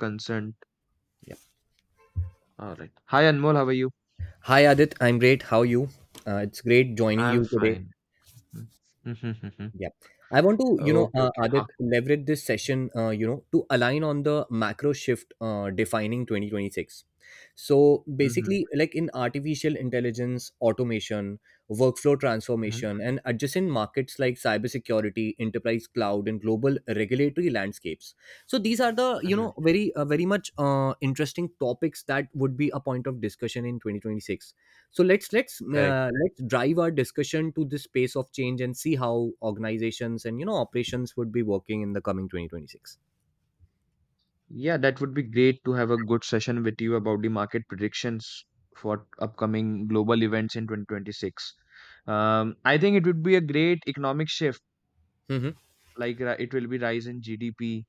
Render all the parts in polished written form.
Consent. Yep. All right. Hi Anmol, how are you? Hi, Adit. I'm great. How are you? It's great joining I'm you today. fine. Mm. Mhm, mhm. Yeah. I want to, Okay, okay. Ha. Adit, leverage this session, to align on the macro shift defining 2026. So Mhm, basically, like in artificial intelligence, automation, workflow mhm, transformation, and adjacent markets like cybersecurity, enterprise cloud, and global regulatory landscapes. So these are the, you mhm. know, very, very much interesting topics that would be a point of discussion in 2026. so let's let's Correct. uh, let's drive our discussion to the space of change, and see how organizations and you know operations would be working in the coming 2026. Yeah, that would be great to have a good session with you about the market predictions for upcoming global events in 2026. I think it would be a great economic shift. Hmm. Like it will be rise in GDP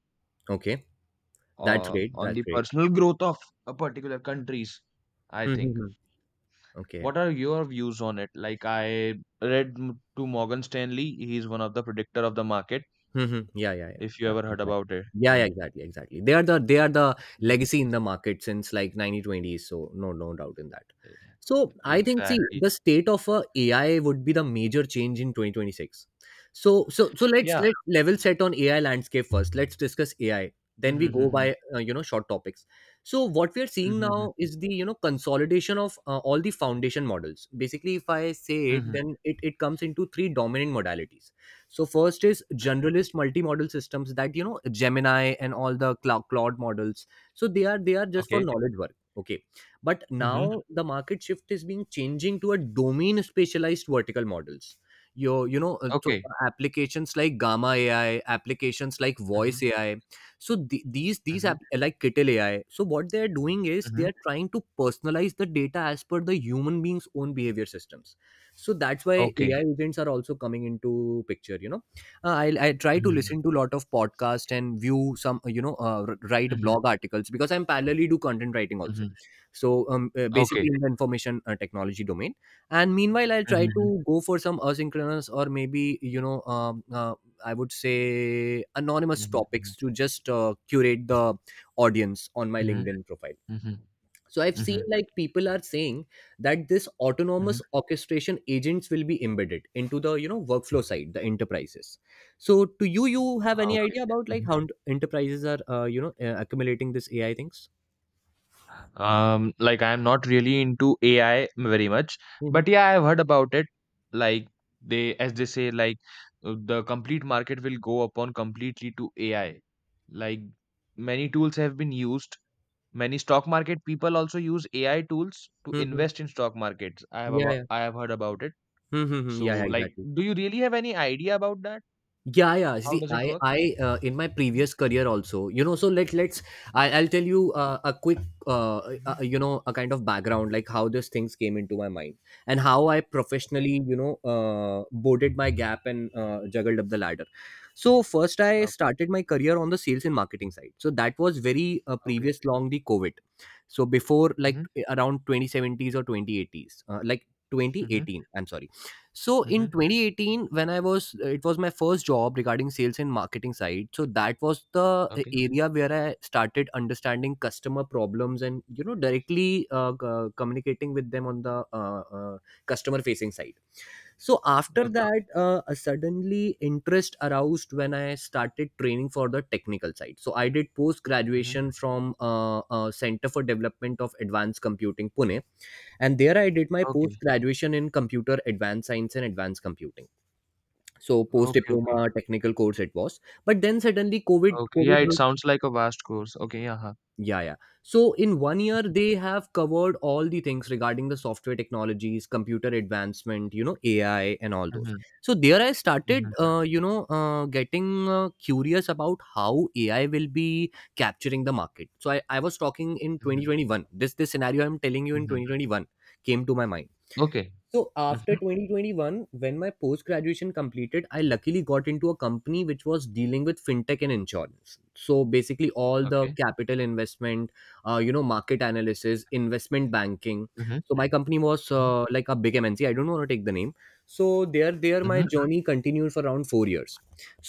Okay, that's or great, on that's the great. personal growth of a particular countries, I think. Hmm. Okay. What are your views on it? Like I read to Morgan Stanley, he's one of the predictor of the market. Mhm. Yeah, yeah, yeah, If you yeah, ever heard exactly. about it, Yeah, yeah, him. exactly, exactly. They are the Mhm. legacy in the market since like 1920s. So no, no doubt in that. E- So I think, see, Exactly. the state of AI would be the major change in 2026. So so so let's Yeah. let level set on AI landscape first. Let's discuss AI. Then Mhm, we go mhm, by you know, short topics. So what we are seeing mhm, now mhm, is the, you know, consolidation of all the foundation models. Basically, if I say mhm, it, mhm, then it comes into three dominant modalities. So first is mhm. generalist multi-model systems, that you know, Gemini and all the Claude models. So they are just for Okay. knowledge work, okay? But Mhm. now the market shift is being changing to a domain specialized vertical models. Your you know so Okay. Applications like Gamma AI, applications like Mhm, Voice AI. So the, these these mhm, app, like Kittle AI, so what they're doing is mhm. they're trying to personalize the data as per the human being's own behavior systems. So that's why Okay. AI agents are also coming into picture, you know. I try to Mhm, listen to a lot of podcast and view some, you know, write mhm, blog articles, because I'm parallelly do content writing also. mhm. So basically Okay. in the information technology domain. And meanwhile, I'll try Mhm, mhm, to go for some asynchronous, or maybe, you know, I would say anonymous mhm, topics, to just curate the audience on my mhm, LinkedIn profile. mhm, mhm, So I've mhm, seen like people are saying that this mhm. autonomous orchestration agents will be embedded into the, you know, workflow side, the enterprises. So to, you have any Okay. idea about like Mm-hmm. how enterprises are, accumulating this AI things? Like I'm not really into AI very much, Mm-hmm. but yeah, I've heard about it. Like they, as they say, like the complete market will go upon completely to AI. Like many tools have been used. Many stock market people also use AI tools to Mm-hmm. invest in stock markets. I have Yeah, yeah. I have heard about it. Mm-hmm. So, Yeah, yeah, like, exactly. do you really have any idea about that? Yeah, yeah, How see, does it work? I in my Hmm. previous career also, you know. So I'll tell you a quick uh, Hmm. you know, a kind of background, like how these things came into my mind and how I Okay. professionally, you know, boarded my gap and juggled up the ladder. So first I Okay. started my career on the sales and marketing side. So that was very Okay. previous long the covid. So before, Hmm. like around 2070s or 2080s, like Hmm. 2018, I'm sorry. So in Hmm. 2018, when I was, it was my first job regarding sales and marketing side. So that was the Okay. area where I started understanding customer problems, and, you know, directly communicating with them on the customer facing side. So after Okay. that, suddenly interest aroused when I started training for the technical side. So I did post Hmm. graduation from Center for Development of Advanced Computing, Pune. And there I did my post Okay. graduation in computer advanced science and advanced computing. So post Okay, okay. diploma technical course it was, but then suddenly covid Okay, yeah, covid it hit. sounds like a vast course. Okay, yeah. Huh. Yeah, yeah. So in 1 year Mhm, they have covered all the things regarding the software technologies, computer advancement, you know, AI, and all those. mhm, So there I started, mhm, getting curious about how AI will be capturing the market. So I was talking in mhm, 2021, this scenario I'm telling you, in mhm. 2021 came to my mind. Okay. So Mm-hmm. after 2021, when my post graduation completed, I luckily got into a company which was dealing with fintech and insurance. So basically, all the Okay. capital investment, you know, market analysis, investment banking. Mm-hmm. So my company was Mm-hmm. Like a big MNC. I don't want to take the name. So there my Mm-hmm. journey continued for around 4 years.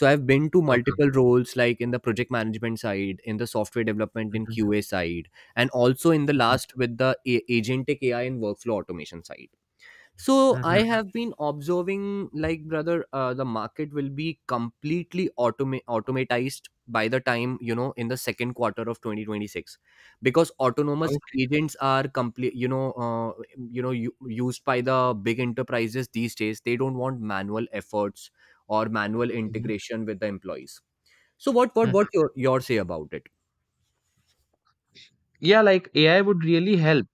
So I've been to Okay. multiple roles, like in the project management side, in the software development, in Mm-hmm. QA side, and also in the Mm-hmm. last with the agentic AI and workflow automation side. So I Mm-hmm. have been observing, like, brother, the market will be completely automatized by the time, you know, in the second quarter of 2026, because autonomous Okay. agents are complete, you know, used by the big enterprises these days. They don't want manual efforts or manual Mm-hmm. integration with the employees. So what Hmm. Your say about it? Yeah, like AI would really help.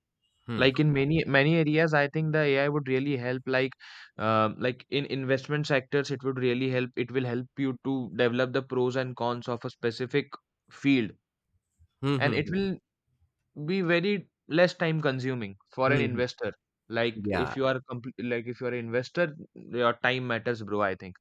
Hmm. Like in many many areas, I think the AI would really help. Like in investment sectors, it would really help. It will help you to develop the pros and cons of a specific field, Hmm, and hmm, it hmm, will be very less time consuming for hmm, an hmm. investor. Like Yeah. if you are complete, like if you're an investor, your time matters, bro, I think.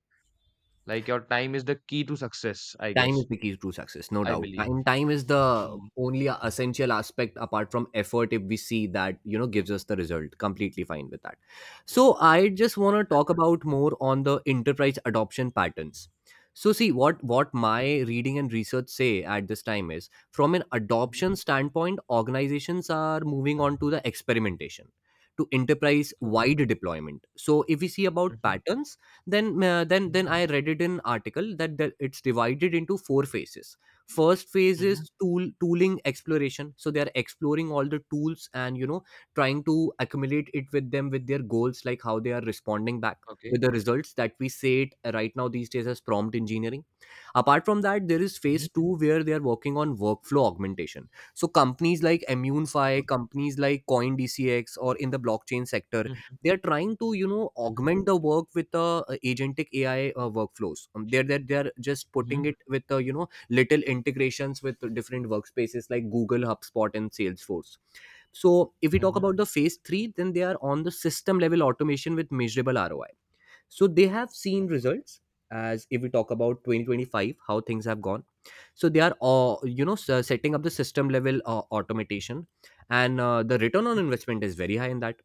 Like your time is the key to success, I Time guess. is the key to success, no I doubt. believe. Time is the Mm, only essential aspect apart from effort, if we see that, you know, gives us the result. Completely fine with that. So I just want to talk about more on the enterprise adoption patterns. So see, what my reading and research say at this time is, from an mhm, adoption standpoint, organizations are moving on to the experimentation to enterprise okay. wide deployment. So if we see about Mhm, patterns, then uh, then mhm, then I read it in article that it's divided into four phases. First phase mhm, is tooling exploration, so they are exploring all the tools and, you know, trying to accumulate it with them, with their goals, like how they are responding back okay. with the results that we say it right now these days as prompt engineering. Apart from that, there is Mhm, phase two, where they are working on workflow augmentation. So companies like okay. Immunify, companies like CoinDCX, or in the blockchain sector, Mhm, they are trying to, you know, mhm, augment the work with the agentic AI workflows. They're just putting mhm, it with, you know, little integrations with different workspaces like Google, HubSpot, and Salesforce. So if we talk mhm, about the phase three, then they are on the system level automation with measurable ROI. So they have seen okay. results. As if we talk about 2025, how things have gone, so they are, setting up the system level automation, and the return on Mhm, investment is very high in that.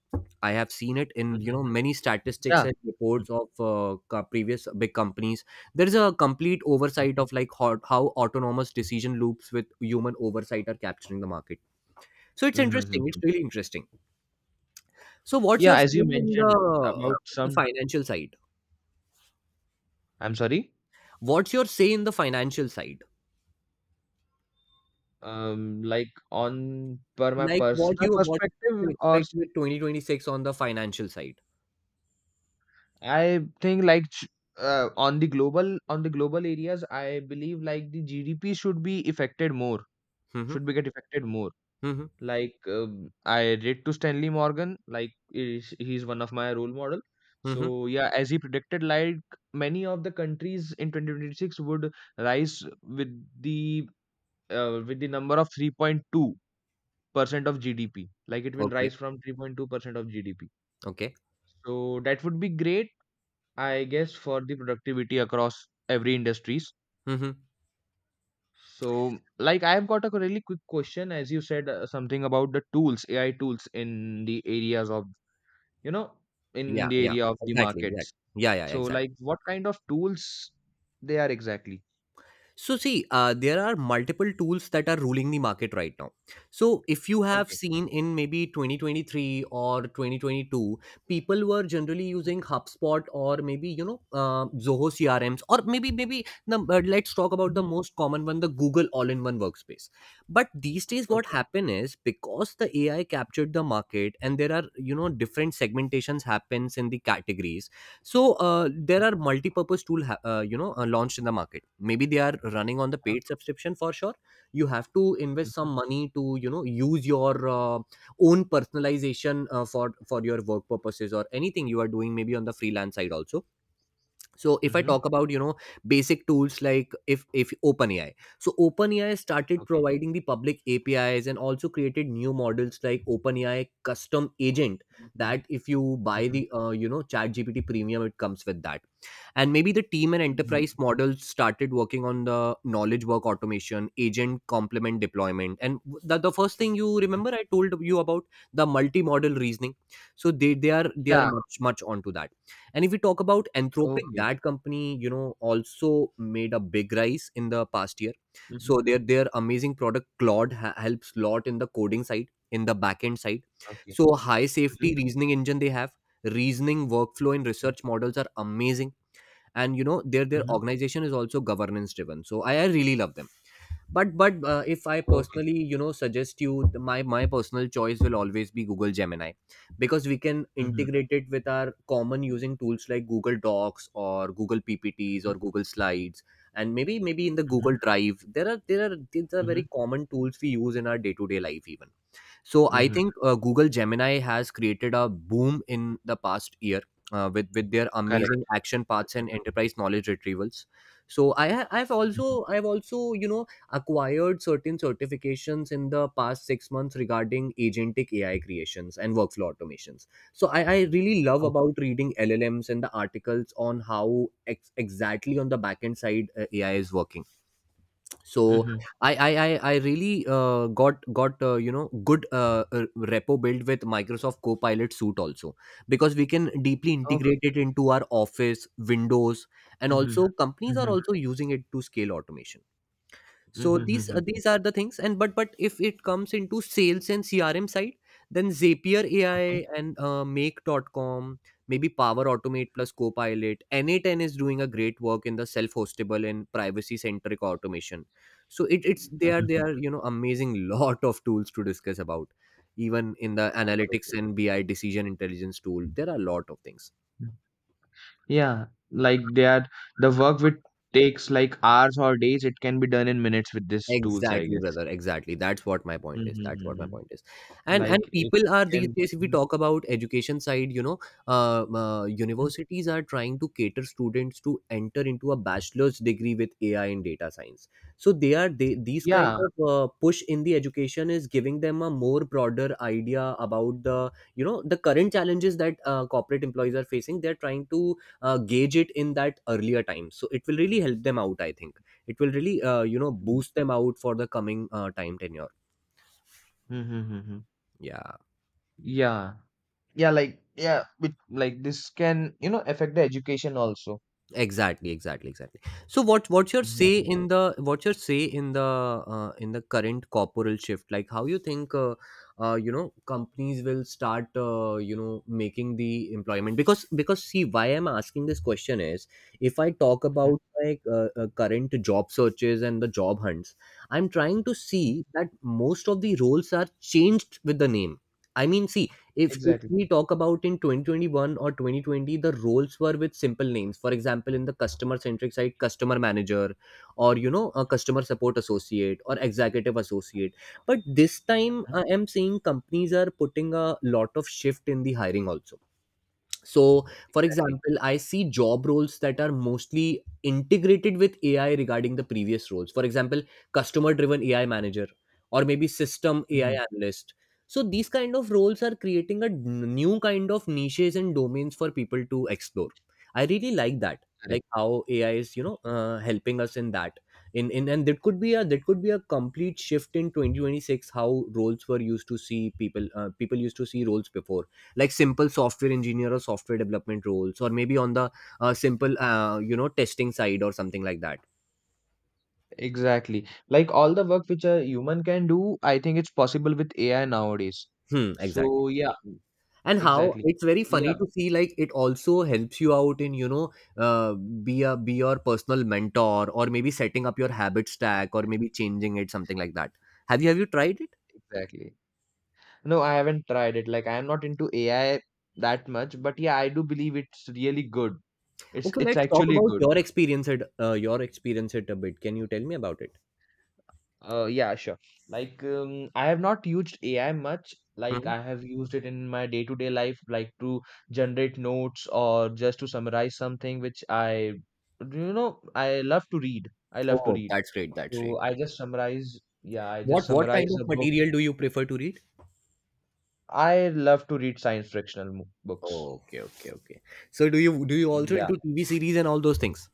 I have seen it in, mhm, you know, many statistics yeah. and Mhm, reports of previous big companies. There is a complete oversight of like how autonomous decision loops with human oversight are capturing the market. So it's mhm, mhm, interesting, it's mhm. really interesting. So what's Yeah, your say as you in mentioned about the some. financial side? I'm sorry. What's your say in the financial side? Um, like on per my Like what personal you perspective, or expect with 2026 on the financial side? I think like on the global areas, I believe like the GDP should be affected more, Mm-hmm. should be get affected more. Mm-hmm. Like I read to Stanley Morgan, like is he's one of my role model. Mm-hmm. So yeah, as he predicted, like many of the countries in 2026 would rise the with the number of 3.2% of GDP. Like it will Okay. rise from 3.2% of GDP. Okay. So that would be great, I guess, for the productivity across every industries. Mm-hmm. So, like I've got a really quick question, as you said something about the tools, AI tools in the areas of, you know, Yeah. in the Yeah. area of the Exactly. markets. Exactly. Yeah. Yeah. So, Exactly. like what kind of tools they are exactly? So, see, there are multiple tools that are ruling the market right now. So, if you have Okay. seen in maybe 2023 or 2022, people were generally using HubSpot or maybe, you know, Zoho CRMs, or maybe the, let's talk about Mm-hmm. the most common one, the Google all in one workspace. But these days, what Okay. happened is because the AI captured the market and there are, you know, different segmentations happens in the categories. So there are multi-purpose tool you know, launched in the market. Maybe they are running on the Uh-huh. paid subscription, for sure. You have to invest some Mm-hmm. money to, you know, use your own personalization for your work purposes, or anything you are doing, maybe on the freelance side also. So if I Mm-hmm. talk about, you know, basic tools, like if OpenAI. So OpenAI started Okay. providing the public APIs and also created new models like OpenAI custom agent, Mm-hmm. that if you buy Mm-hmm. the, you know, ChatGPT premium, it comes with that. And maybe the team and Mm-hmm. enterprise models started working on the knowledge work automation, agent complement deployment, and the first thing, you remember I told you about, the multi-model reasoning. So they are Yeah. much much onto that. And if we talk about Anthropic, Okay. that company, you know, also made a big rise in the past year. Mm-hmm. So their amazing product Claude helps lot in the coding side, in the backend side. Okay. So high Mm-hmm. safety reasoning engine they have, reasoning workflow and research models are amazing. And you know, their Mm-hmm. organization is also governance driven. So I really love them but if I Okay. personally suggest you my personal choice will always be Google Gemini because we can Mm-hmm. integrate it with our common using tools like Google Docs or Google PPTs Mm-hmm. or Google Slides and maybe in the Google Drive there are, these are very Mm-hmm. common tools we use in our day to day life even. So I Mm-hmm. think Google Gemini has created a boom in the past year with their Correct. amazing action paths and enterprise knowledge retrievals. So I've also acquired certain certifications in the past 6 months regarding agentic AI creations and workflow automations. So I really love about Okay. reading LLMs and the articles on how exactly on the backend side AI is working. So Mhm. I really got good repo built with Microsoft Copilot suite also because we can deeply Okay. integrate it into our office windows, and Mhm. also companies are Mhm. also using it to scale automation. Mhm. So Mhm. Mhm. these are the things. And but if it comes into sales and CRM side, then Zapier Okay. AI and make.com, maybe Power Automate plus Copilot, n8n is doing a great work in the self-hostable and privacy centric automation. So it, it's Mhm. they are they Mhm. are amazing lot of tools to discuss about. Even in the Okay. Okay. analytics and BI decision intelligence tool, there are a lot of things. Mm. Yeah, like they are, the work which takes like hours or days, it can be done in minutes with these tools, I Exactly, guess. brother. Exactly. That's what my point is. That's what my Mm-hmm. point is. And Like it people are these can. days. If we Mhm, talk about education side, you know, mhm. universities are trying to cater students to enter into a bachelor's degree with AI and data science. So they are they these kind Yeah. of push in the education is giving them a more broader idea about the, you know, the current challenges that corporate employees are facing. They're trying to gauge it in that earlier time. So it will really help them out. I think it will really boost them out for the coming time tenure. Mm-hmm. Yeah. Yeah. Yeah, like yeah, it, like this can, you know, affect the education also. Exactly, exactly, exactly. So what what's your say Mm-hmm. in the what's your say in the current corporal shift, like how you think companies will start making the employment? Because see, why I'm asking this question is, if I talk about like current job searches and the job hunts, I'm trying to see that most of the roles are changed with the name. I mean, see, if Exactly. we talk about in 2021 or 2020, the roles were with simple names. For example, in the customer centric side, customer manager, or you know, a customer support associate or executive associate. But this time Mhm. I am seeing companies are putting a lot of shift in the hiring also. So, for Exactly. example, I see job roles that are mostly integrated with AI regarding the previous roles. For example, customer driven AI manager, or maybe system Mm-hmm. AI analyst. So, these kind of roles are creating a new kind of niches and domains for people to explore. I really like that, like how AI is, you know, helping us in that. In And that could be a, complete shift in 2026, how roles were used to see, people people used to see roles before, like simple software engineer or software development roles, or maybe on the simple testing side or something like that. Exactly. Like all the work which a human can do, I think it's possible with AI nowadays. Hmm, exactly. So yeah, And how exactly. it's very So yeah, funny to see, like it also helps you out in, you know, uh, be a, be your personal mentor, or maybe setting up your habit stack or maybe changing it something like that. Have you tried it? exactly. No, I haven't tried it. Like I am not into AI that much, but yeah, I do believe it's really good. Okay, It's let's talk actually about good. Your experience at a bit. Can you tell me about it? Yeah, sure. Like, I have not used AI much. Like, Mhm. I have used it in my day-to-day life, like to generate notes or just to summarize something which I, you know, I love to read. I love to Oh, read. that's great, that's So great. I just summarize. Yeah, I What just kind summarize of a book. material do you prefer to read? I love to read science fictional books. Oh, okay, okay, okay. So do you also Yeah. into TV series and all those things?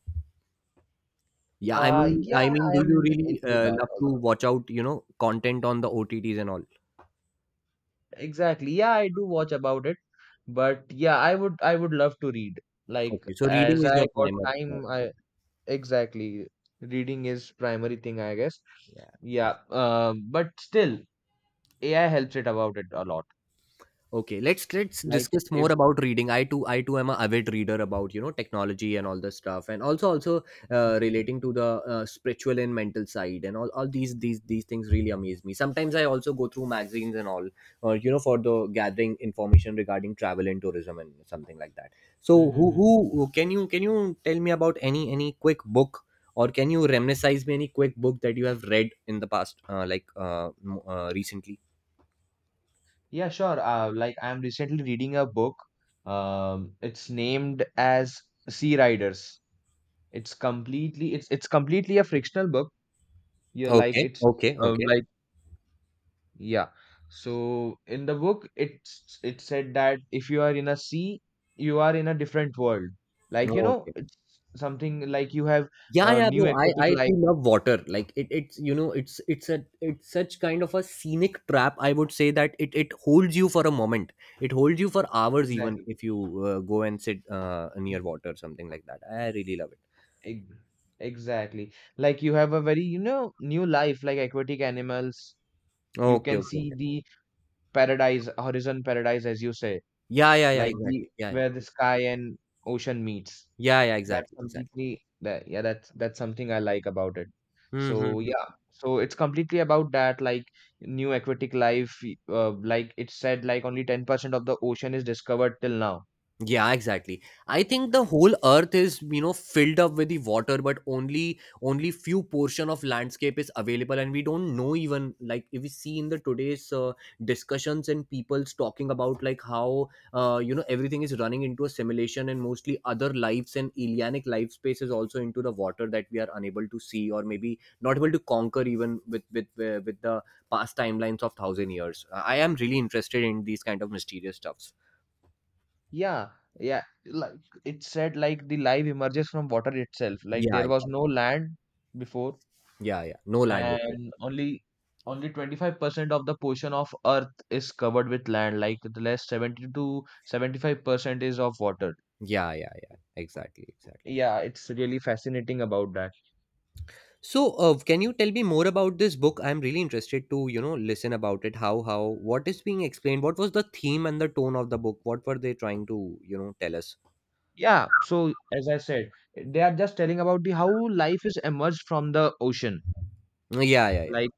Yeah, I mean, Yeah, I mean, I do you am really into that love to also. watch out, you know, content on the OTTs and all? Exactly. Yeah, I do watch about it, but yeah, I would love to read. Like Okay, so reading as is I your got primary. Yeah. time, I exactly reading is primary thing, I guess. Yeah, but still, AI helps it about it a lot. Okay, let's Like discuss more if about reading. I too am a avid reader about, you know, technology and all this stuff, and also Mhm. relating to the spiritual and mental side and all these things really amaze me. Sometimes I also go through magazines and all, you know, for the gathering information regarding travel and tourism and something like that. So Mhm, mhm. who can you tell me about any quick book, or can you reminisce me any quick book that you have read in the past, like recently? Yeah, sure. Like I'm recently reading a book. It's named as Sea Riders. It's completely a frictional book. You're like Okay, it's okay, okay, like Yeah. So in the book, it said that if you are in a sea, you are in a different world. Like, you know, okay. it's something like you have Yeah, yeah, bro, new i aquatic i life. too love water. Like it, it's, you know, it's a, it's such kind of a scenic trap, I would say, that it holds you for a moment, it holds you for hours. Even Exactly. if you go and sit near water, something like that, I really love it. Ex- Exactly. Like you have a very, you know, new life, like aquatic animals. You Okay, can okay, see okay. the paradise, horizon paradise, as you say, Yeah, yeah, yeah, like the exactly, yeah, where the yeah. sky and ocean meets. Yeah, yeah, That's exactly, exactly. completely that yeah, that's something I like about it. Mm-hmm, So mm-hmm. yeah, so it's completely about that, like new aquatic life. Like it said, like only 10% of the ocean is discovered till now. Yeah, exactly. I think the whole earth is, you know, filled up with the water, but only few portion of landscape is available, and we don't know even, like if we see in the today's discussions and people's talking about like how you know everything is running into a simulation, and mostly other lives and alienic life space is also into the water that we are unable to see, or maybe not able to conquer even with the past timelines of thousand years. I am really interested in these kind of mysterious stuffs. Yeah, yeah, like it said, like the life emerges from water itself. Like Yeah. there was no land before, Yeah, yeah, no land before. and only 25% of the portion of earth is covered with land. Like the less 70 to 75% is of water. Yeah, yeah, yeah, exactly, exactly. Yeah, it's really fascinating about that. So, can you tell me more about this book? I'm really interested to, you know, listen about it. How, what is being explained? What was the theme and the tone of the book? What were they trying to, you know, tell us? Yeah, so as I said, they are just telling about the how life is emerged from the ocean. Yeah, yeah, yeah. Like,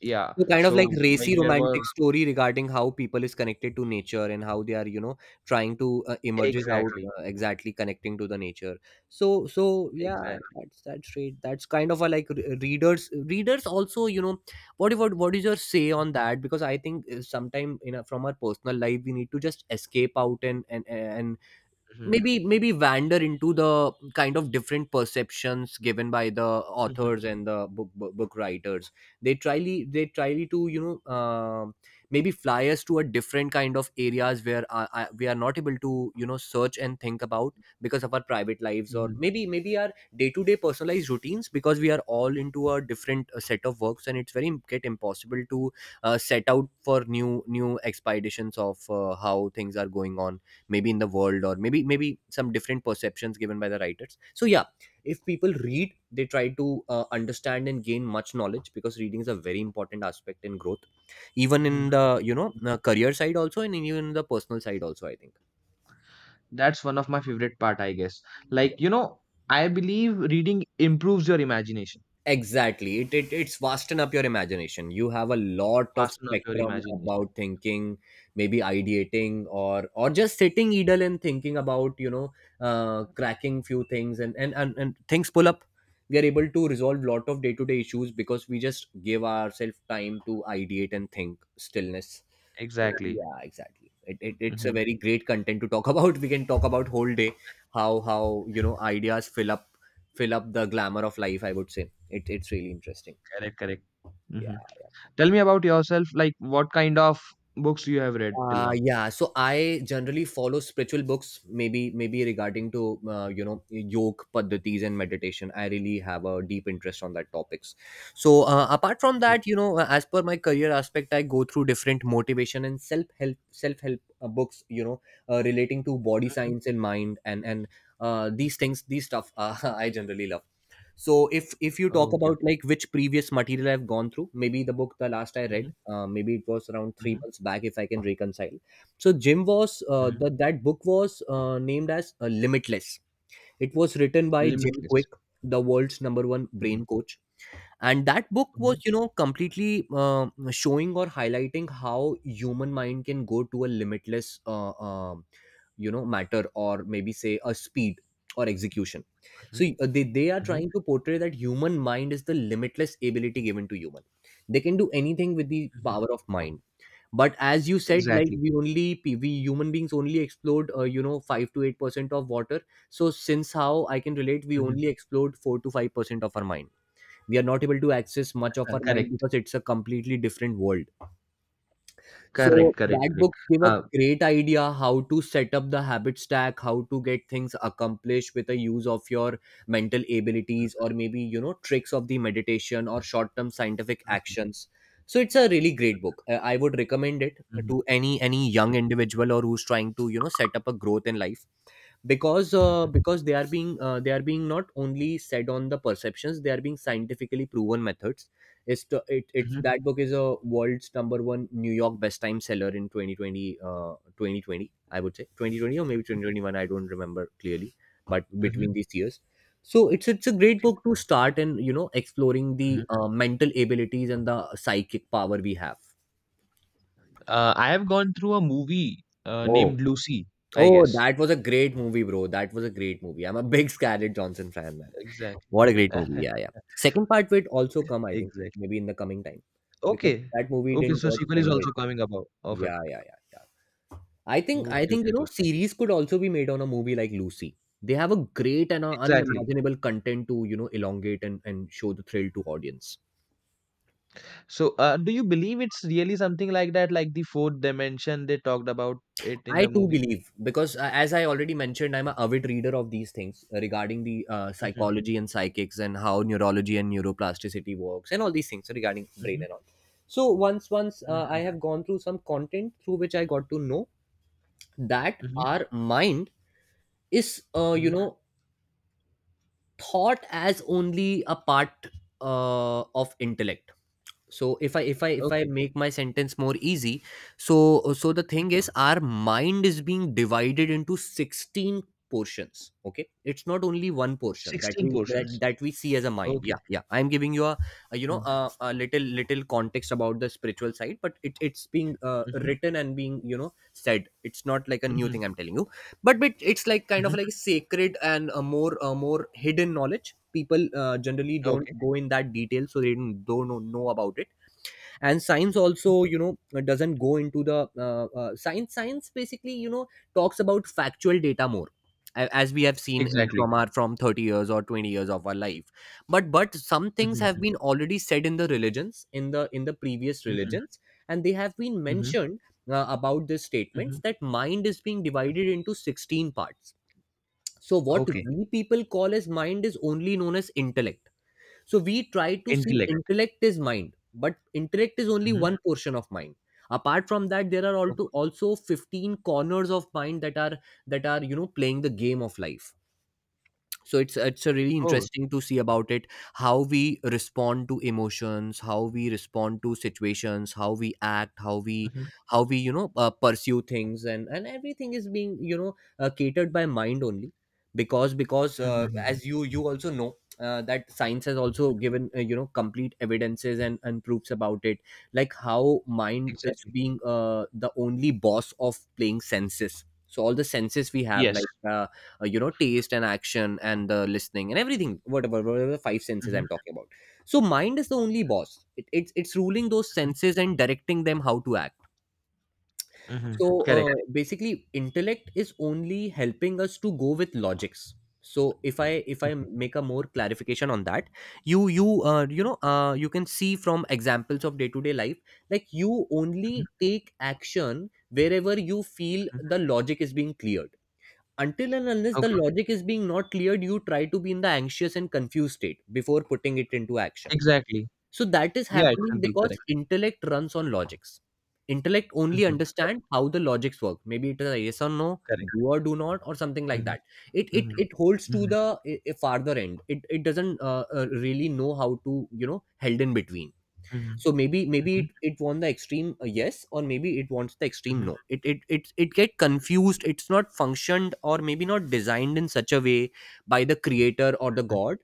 yeah, So kind of like so like racy there were romantic story regarding how people is connected to nature, and how they are, you know, trying to emerges out exactly, exactly connecting to the nature. So so yeah, exactly. That's right. That's kind of a like readers, also, you know, what is your say on that? Because I think sometime in a, from our personal life, we need to just escape out and Hmm. maybe wander into the kind of different perceptions given by the Hmm. authors and the book writers. they try they try to, you know, um, maybe fly us to a different kind of areas where we are not able to, you know, search and think about because of our private lives, or Hmm. maybe our day-to-day personalized routines, because we are all into a different set of works, and it's very get impossible to set out for new expeditions of how things are going on, maybe in the world, or maybe some different perceptions given by the writers. So yeah, if people read, they try to understand and gain much knowledge because reading is a very important aspect in growth, even Hmm. in the, you know, career side also, and even in the personal side also, I think. That's one of my favorite part, I guess. Like, you know, I believe reading improves your imagination, Exactly. It, it's vasten up your imagination. You have a lot of fasten up your spectrum imagination. about thinking, maybe ideating or just sitting idle and thinking about, you know, cracking few things, and and things pull up. We are able to resolve lot of day-to-day issues because we just give ourselves time to ideate and think stillness. So Exactly. yeah, exactly. It, it's a Hmm. very great content to talk about. We can talk about whole day how you know ideas fill up the glamour of life, I would say it's really interesting. Correct, correct. Yeah. Hmm. Tell me about yourself, like what kind of books you have read till uh now. yeah so I generally follow spiritual books, maybe regarding to you know, yoga paddhatis and meditation. I really have a deep interest on that topics. So apart from that, you know, as per my career aspect, I go through different motivation and self help books, you know, relating to body Mhm. science and mind and these things, these stuff, I generally love. So if you talk Okay, okay. about like which previous material I've gone through, maybe the book the last I read, Hmm. Maybe it was around three Hmm. months back, if I can reconcile. So Jim was that book was named as Limitless. It was written by Jim Limitless. Quick, the world's number one Mhm, brain coach. And that book was, mhm, you know, completely showing or highlighting how human mind can go to a limitless you know, matter, or maybe say a speed or execution. So mhm, they are mhm, trying to portray that human mind is the limitless ability given to human. They can do anything with the mhm. power of mind. But as you said, like Exactly. we only we human beings only explored, you know, 5 to 8 percent of water. So since how I can relate, we Mhm. only explored 4 to 5 percent of our mind. We are not able to access much of our mind Correct. because it's a completely different world. So Correct, correct, that correct. books give a Uh, great idea how to set up the habit stack, how to get things accomplished with the use of your mental abilities, or maybe you know, tricks of the meditation or short-term scientific mhm, actions. So it's a really great book. I would recommend it mhm, to any young individual or who's trying to, you know, set up a growth in life. Because uh, mhm, because they are being not only said on the perceptions, they are being scientifically proven methods. It's mhm, that book is a world's number one New York best time seller in 2020, 2020, I would say 2020 or maybe 2021, I don't remember clearly, but mhm. between these years. So it's a great Okay. book to start and, you know, exploring the Mhm. Mental abilities and the psychic power we have. I have gone through a movie Oh. named Lucy, I Oh, guess. that was a great movie, bro. That was a great movie. I'm a big Scarlett Johnson fan, man. Exactly. What a great movie. Yeah, yeah. Second part will also come, I think, Exactly. maybe in the coming time. Because Okay. that movie Okay, didn't so get sequel is ended. also coming about of it. Yeah, yeah, yeah, yeah. I think I Okay, think okay, you okay, know, okay. series could also be made on a movie like Lucy. They have a great and a Exactly. unimaginable content to, you know, elongate and show the thrill to audience. So, do you believe it's really something like that, like the fourth dimension they talked about it in I the too movie? believe because, as I already mentioned, I'm a avid reader of these things regarding the Mm-hmm, psychology and psychics, and how neurology and neuroplasticity works and all these things regarding mm-hmm, brain and all. So once mm-hmm, I have gone through some content through which I got to know that mm-hmm, our mind is, you mm-hmm. know, thought as only a part of intellect. So if I Okay. make my sentence more easy. So the Mhm. thing is, our mind is being divided into 16 portions. Okay, it's not only one portion that 16 portions. that we see as a mind. Okay. Yeah, yeah, I'm giving you a you know, Mhm, a little context about the spiritual side. But it's being, mhm, written and being, you know, said. It's not like a new mhm, thing I'm telling you. But it's like kind of mhm. like sacred and a more hidden knowledge. People generally don't Okay. go in that detail, so they don't know about it. And science Mhm. also, you know, doesn't go into the science basically, you know, talks about factual data more, as we have seen Exactly. from our from 30 years or 20 years of our life. But some Mhm, things have mhm, been already said in the religions, in the previous mhm, religions, and they have been mhm, mentioned about this statements mhm. that mind is being divided into 16 parts. So what Okay. we people call as mind is only known as intellect. So we try to see Intellect. intellect is mind, but intellect is only Mhm. one portion of mind. Apart from that, there are also Okay. also 15 corners of mind that are you know, playing the game of life. So it's a really Oh. interesting to see about it. How we respond to emotions, how we respond to situations, how we act, how we Mhm, how we you know, pursue things, and everything is being, you know, catered by mind only. because because mhm, uh, mhm, as you also know, that science has also mhm. given, you know, complete evidences and proofs about it. Like how mind is Exactly. being, the only boss of playing senses. So all the senses we have, like Yes. You know, taste and action and the listening and everything, whatever the five senses I'm Mhm, talking about. So mind is the only boss. It's it's ruling those mhm, senses and directing them how to act. mhm. So Correct. Basically intellect is only helping us to go with logics. So if i if I Mhm, make a more clarification on that, you you know, you can see from examples of day to day life. Like you mhm, only take action wherever you feel mhm. the logic is being cleared. Until and unless the Okay. logic is being not cleared, you try to be in the anxious and confused state before putting it into action. Exactly. So that is Yeah, it's happening simple. because Correct. intellect runs on logics. Intellect only Mhm. understand how the logics work, maybe it is a yes or no, Correct. do or do not, or something like Mhm, that. it it, mhm, it holds to mhm, the farther end. It doesn't really know how to, you know, held in between. mhm, So maybe mhm, it won the extreme, yes, or maybe it wants the extreme mhm, no. It get confused. It's not functioned or maybe not designed in such a way by the creator or the god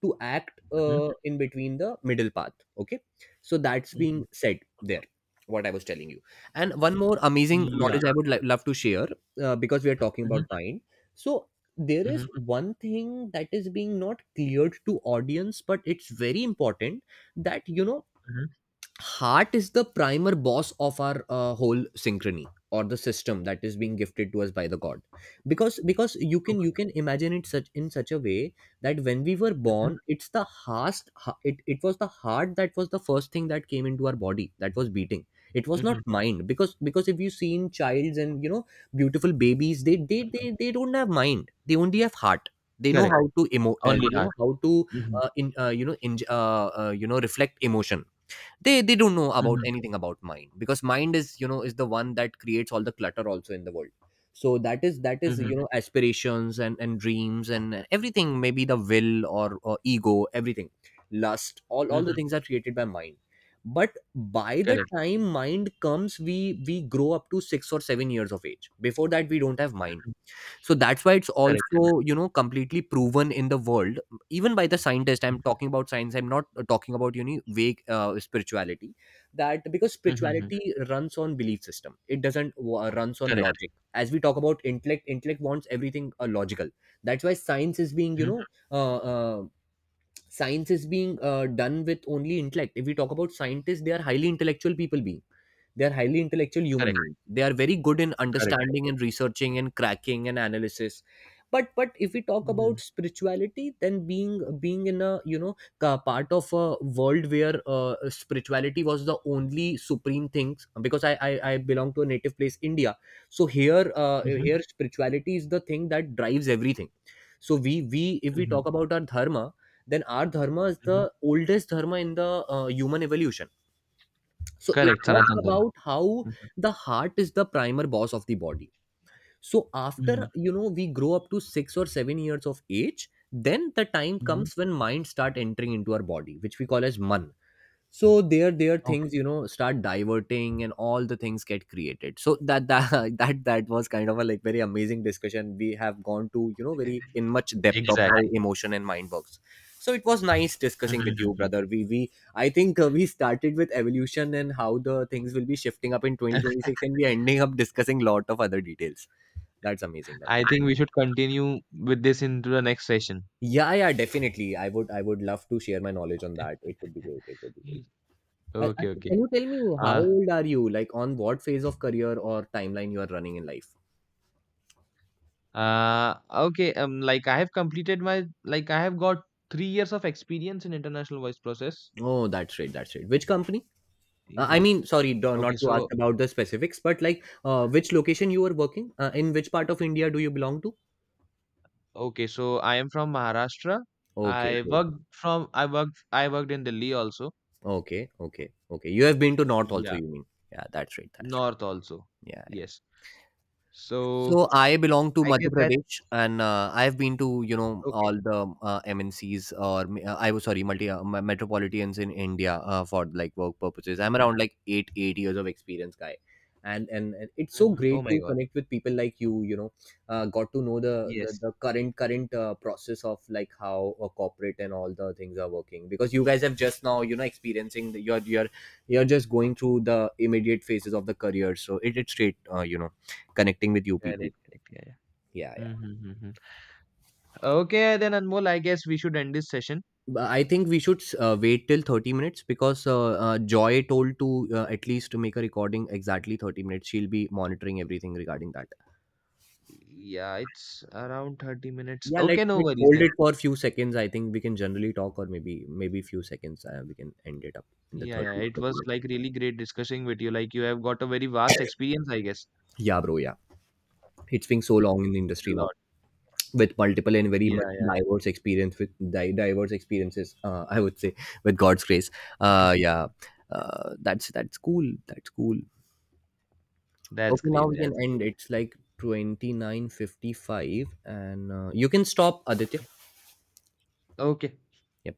to act, mhm, in between the middle path. Okay. So that's mhm. being said there, what I was telling you. And one more amazing Yeah. knowledge I would love to share. Because we are talking Mhm, about mind. So there is mhm, one thing that is being not cleared to audience, but it's very important that you know, mhm. heart is the primer boss of our, whole synchrony or the system that is being gifted to us by the god. Because you can you Okay. can imagine it such in such a way that when we were Mhm, born, it's the heart. It was the heart that was the first thing that came into our body that was beating. It was not mhm. mind. Because if you seen childs, and you know, beautiful babies, they don't have mind, they only have heart. They know Correct. how to emo Only you heart. know, how to, Mhm, in you know, you know, reflect emotion. They don't know about mhm, anything about mind, because mind is, you know, is the one that creates all the clutter also in the world. So that is mhm, you know, aspirations and dreams and everything, maybe the will or ego, everything, lust, all the mhm. things are created by mind. But by the Correct. time mind comes, we grow up to 6 or 7 years of age. Before that we don't have mind. Mm, So that's why it's correct, correct. also, you know, completely proven in the world even by the scientist. Mhm, I'm talking about science, I'm not, talking about, you know, vague, spirituality, that because mhm, mhm. spirituality runs on belief system, it doesn't, runs on Correct. logic, as we talk about intellect. Intellect wants everything, logical. That's why science is being, you Mhm. know, uh, uh, science is being done with only intellect. If we talk about scientists, they are highly intellectual people being. They are highly intellectual human Correct, beings. They are very good in correct, correct. understanding and researching and cracking and analysis. But if we talk about Mhm, spirituality, then being, being in a you know, part of a world where, spirituality was the only supreme thing. Because I belong to a native place, India. So here, uh, mhm, here spirituality is the thing that drives everything. So we if we mhm, talk about our dharma, then our dharma is the mhm. oldest dharma in the, human evolution. So it Correct, talks Sanatan Dharma. about how Mhm, the heart is the primer boss of the body. So after, mhm, you know, we grow up to 6 or 7 years of age, then the time mhm. comes when mind start entering into our body, which we call as man. So there Okay, things, you know, start diverting and all the things get created. So that that was kind of a like very amazing discussion. We have gone to, you know, e- very in much depth of how exactly. emotion and mind works. So it was nice discussing with Mhm, you, mhm. brother. We I think, we started with evolution and how the things will be shifting up in 2026, and we are ending up discussing lot of other details. That's amazing. I think That's we should continue with this into the next session. amazing. Yeah, yeah, definitely. I would love to share my knowledge on that. It would be great, it would be great. Okay, Can okay. you tell me, how Uh, old are you? Like on what phase of career or timeline you are running in life? Okay. Like I have completed my like I have got 3 years of experience in international voice process. Oh, that's right, that's right. Which company? I E- mean, sorry, not Okay, to ask so about the specifics, but like, which location you are working? In which part of India do you belong to? Okay, so I am from Maharashtra. Okay, good. I worked in Delhi also. Okay, okay, okay. You have been to North also, Yeah, you mean? Yeah, that's right, that's right. north also. Yeah. Yes. So So I belong to I guess Madhya Pradesh, that's and I've been to, you know, okay. all the MNCs, or I was sorry, multi, metropolitans in India, for like work purposes. I'm Hmm. around like 8 8 years of experience, guy, and it's so Hmm. Oh great my to God. connect with people like you. You know, got to know Yes. the current process of like how a corporate and all the things are working. Because you guys have just now, you know, experiencing the, you're you're just going through the immediate phases of the career. So it's straight, you know, connecting with you people. Correct. Correct. Yeah. Yeah. Yeah, yeah. Mm-hmm. Okay, then Anmol, I guess we should end this session. But I think we should, wait till 30 minutes because, Joy told to, at least to make a recording exactly 30 minutes. She'll be monitoring everything regarding that. Yeah, it's around 30 minutes. Yeah, Okay, no let's worries hold then. it for a few seconds. I think we can generally talk, or maybe few seconds. We can end it up in the Yeah, yeah, it thirty was minutes. like really great discussing with you. Like you have got a very vast experience, I guess. Yeah, bro. Yeah, it's been so Yeah, long in the you did a industry now lot. with multiple and very Yeah, much yeah, yeah. diverse experience with diverse experiences. I would say, with God's grace. Yeah, that's cool. That's cool. That's Okay, now great. we can That's end. great. It's like 29:55 and you can stop, Aditya. Okay. Yep.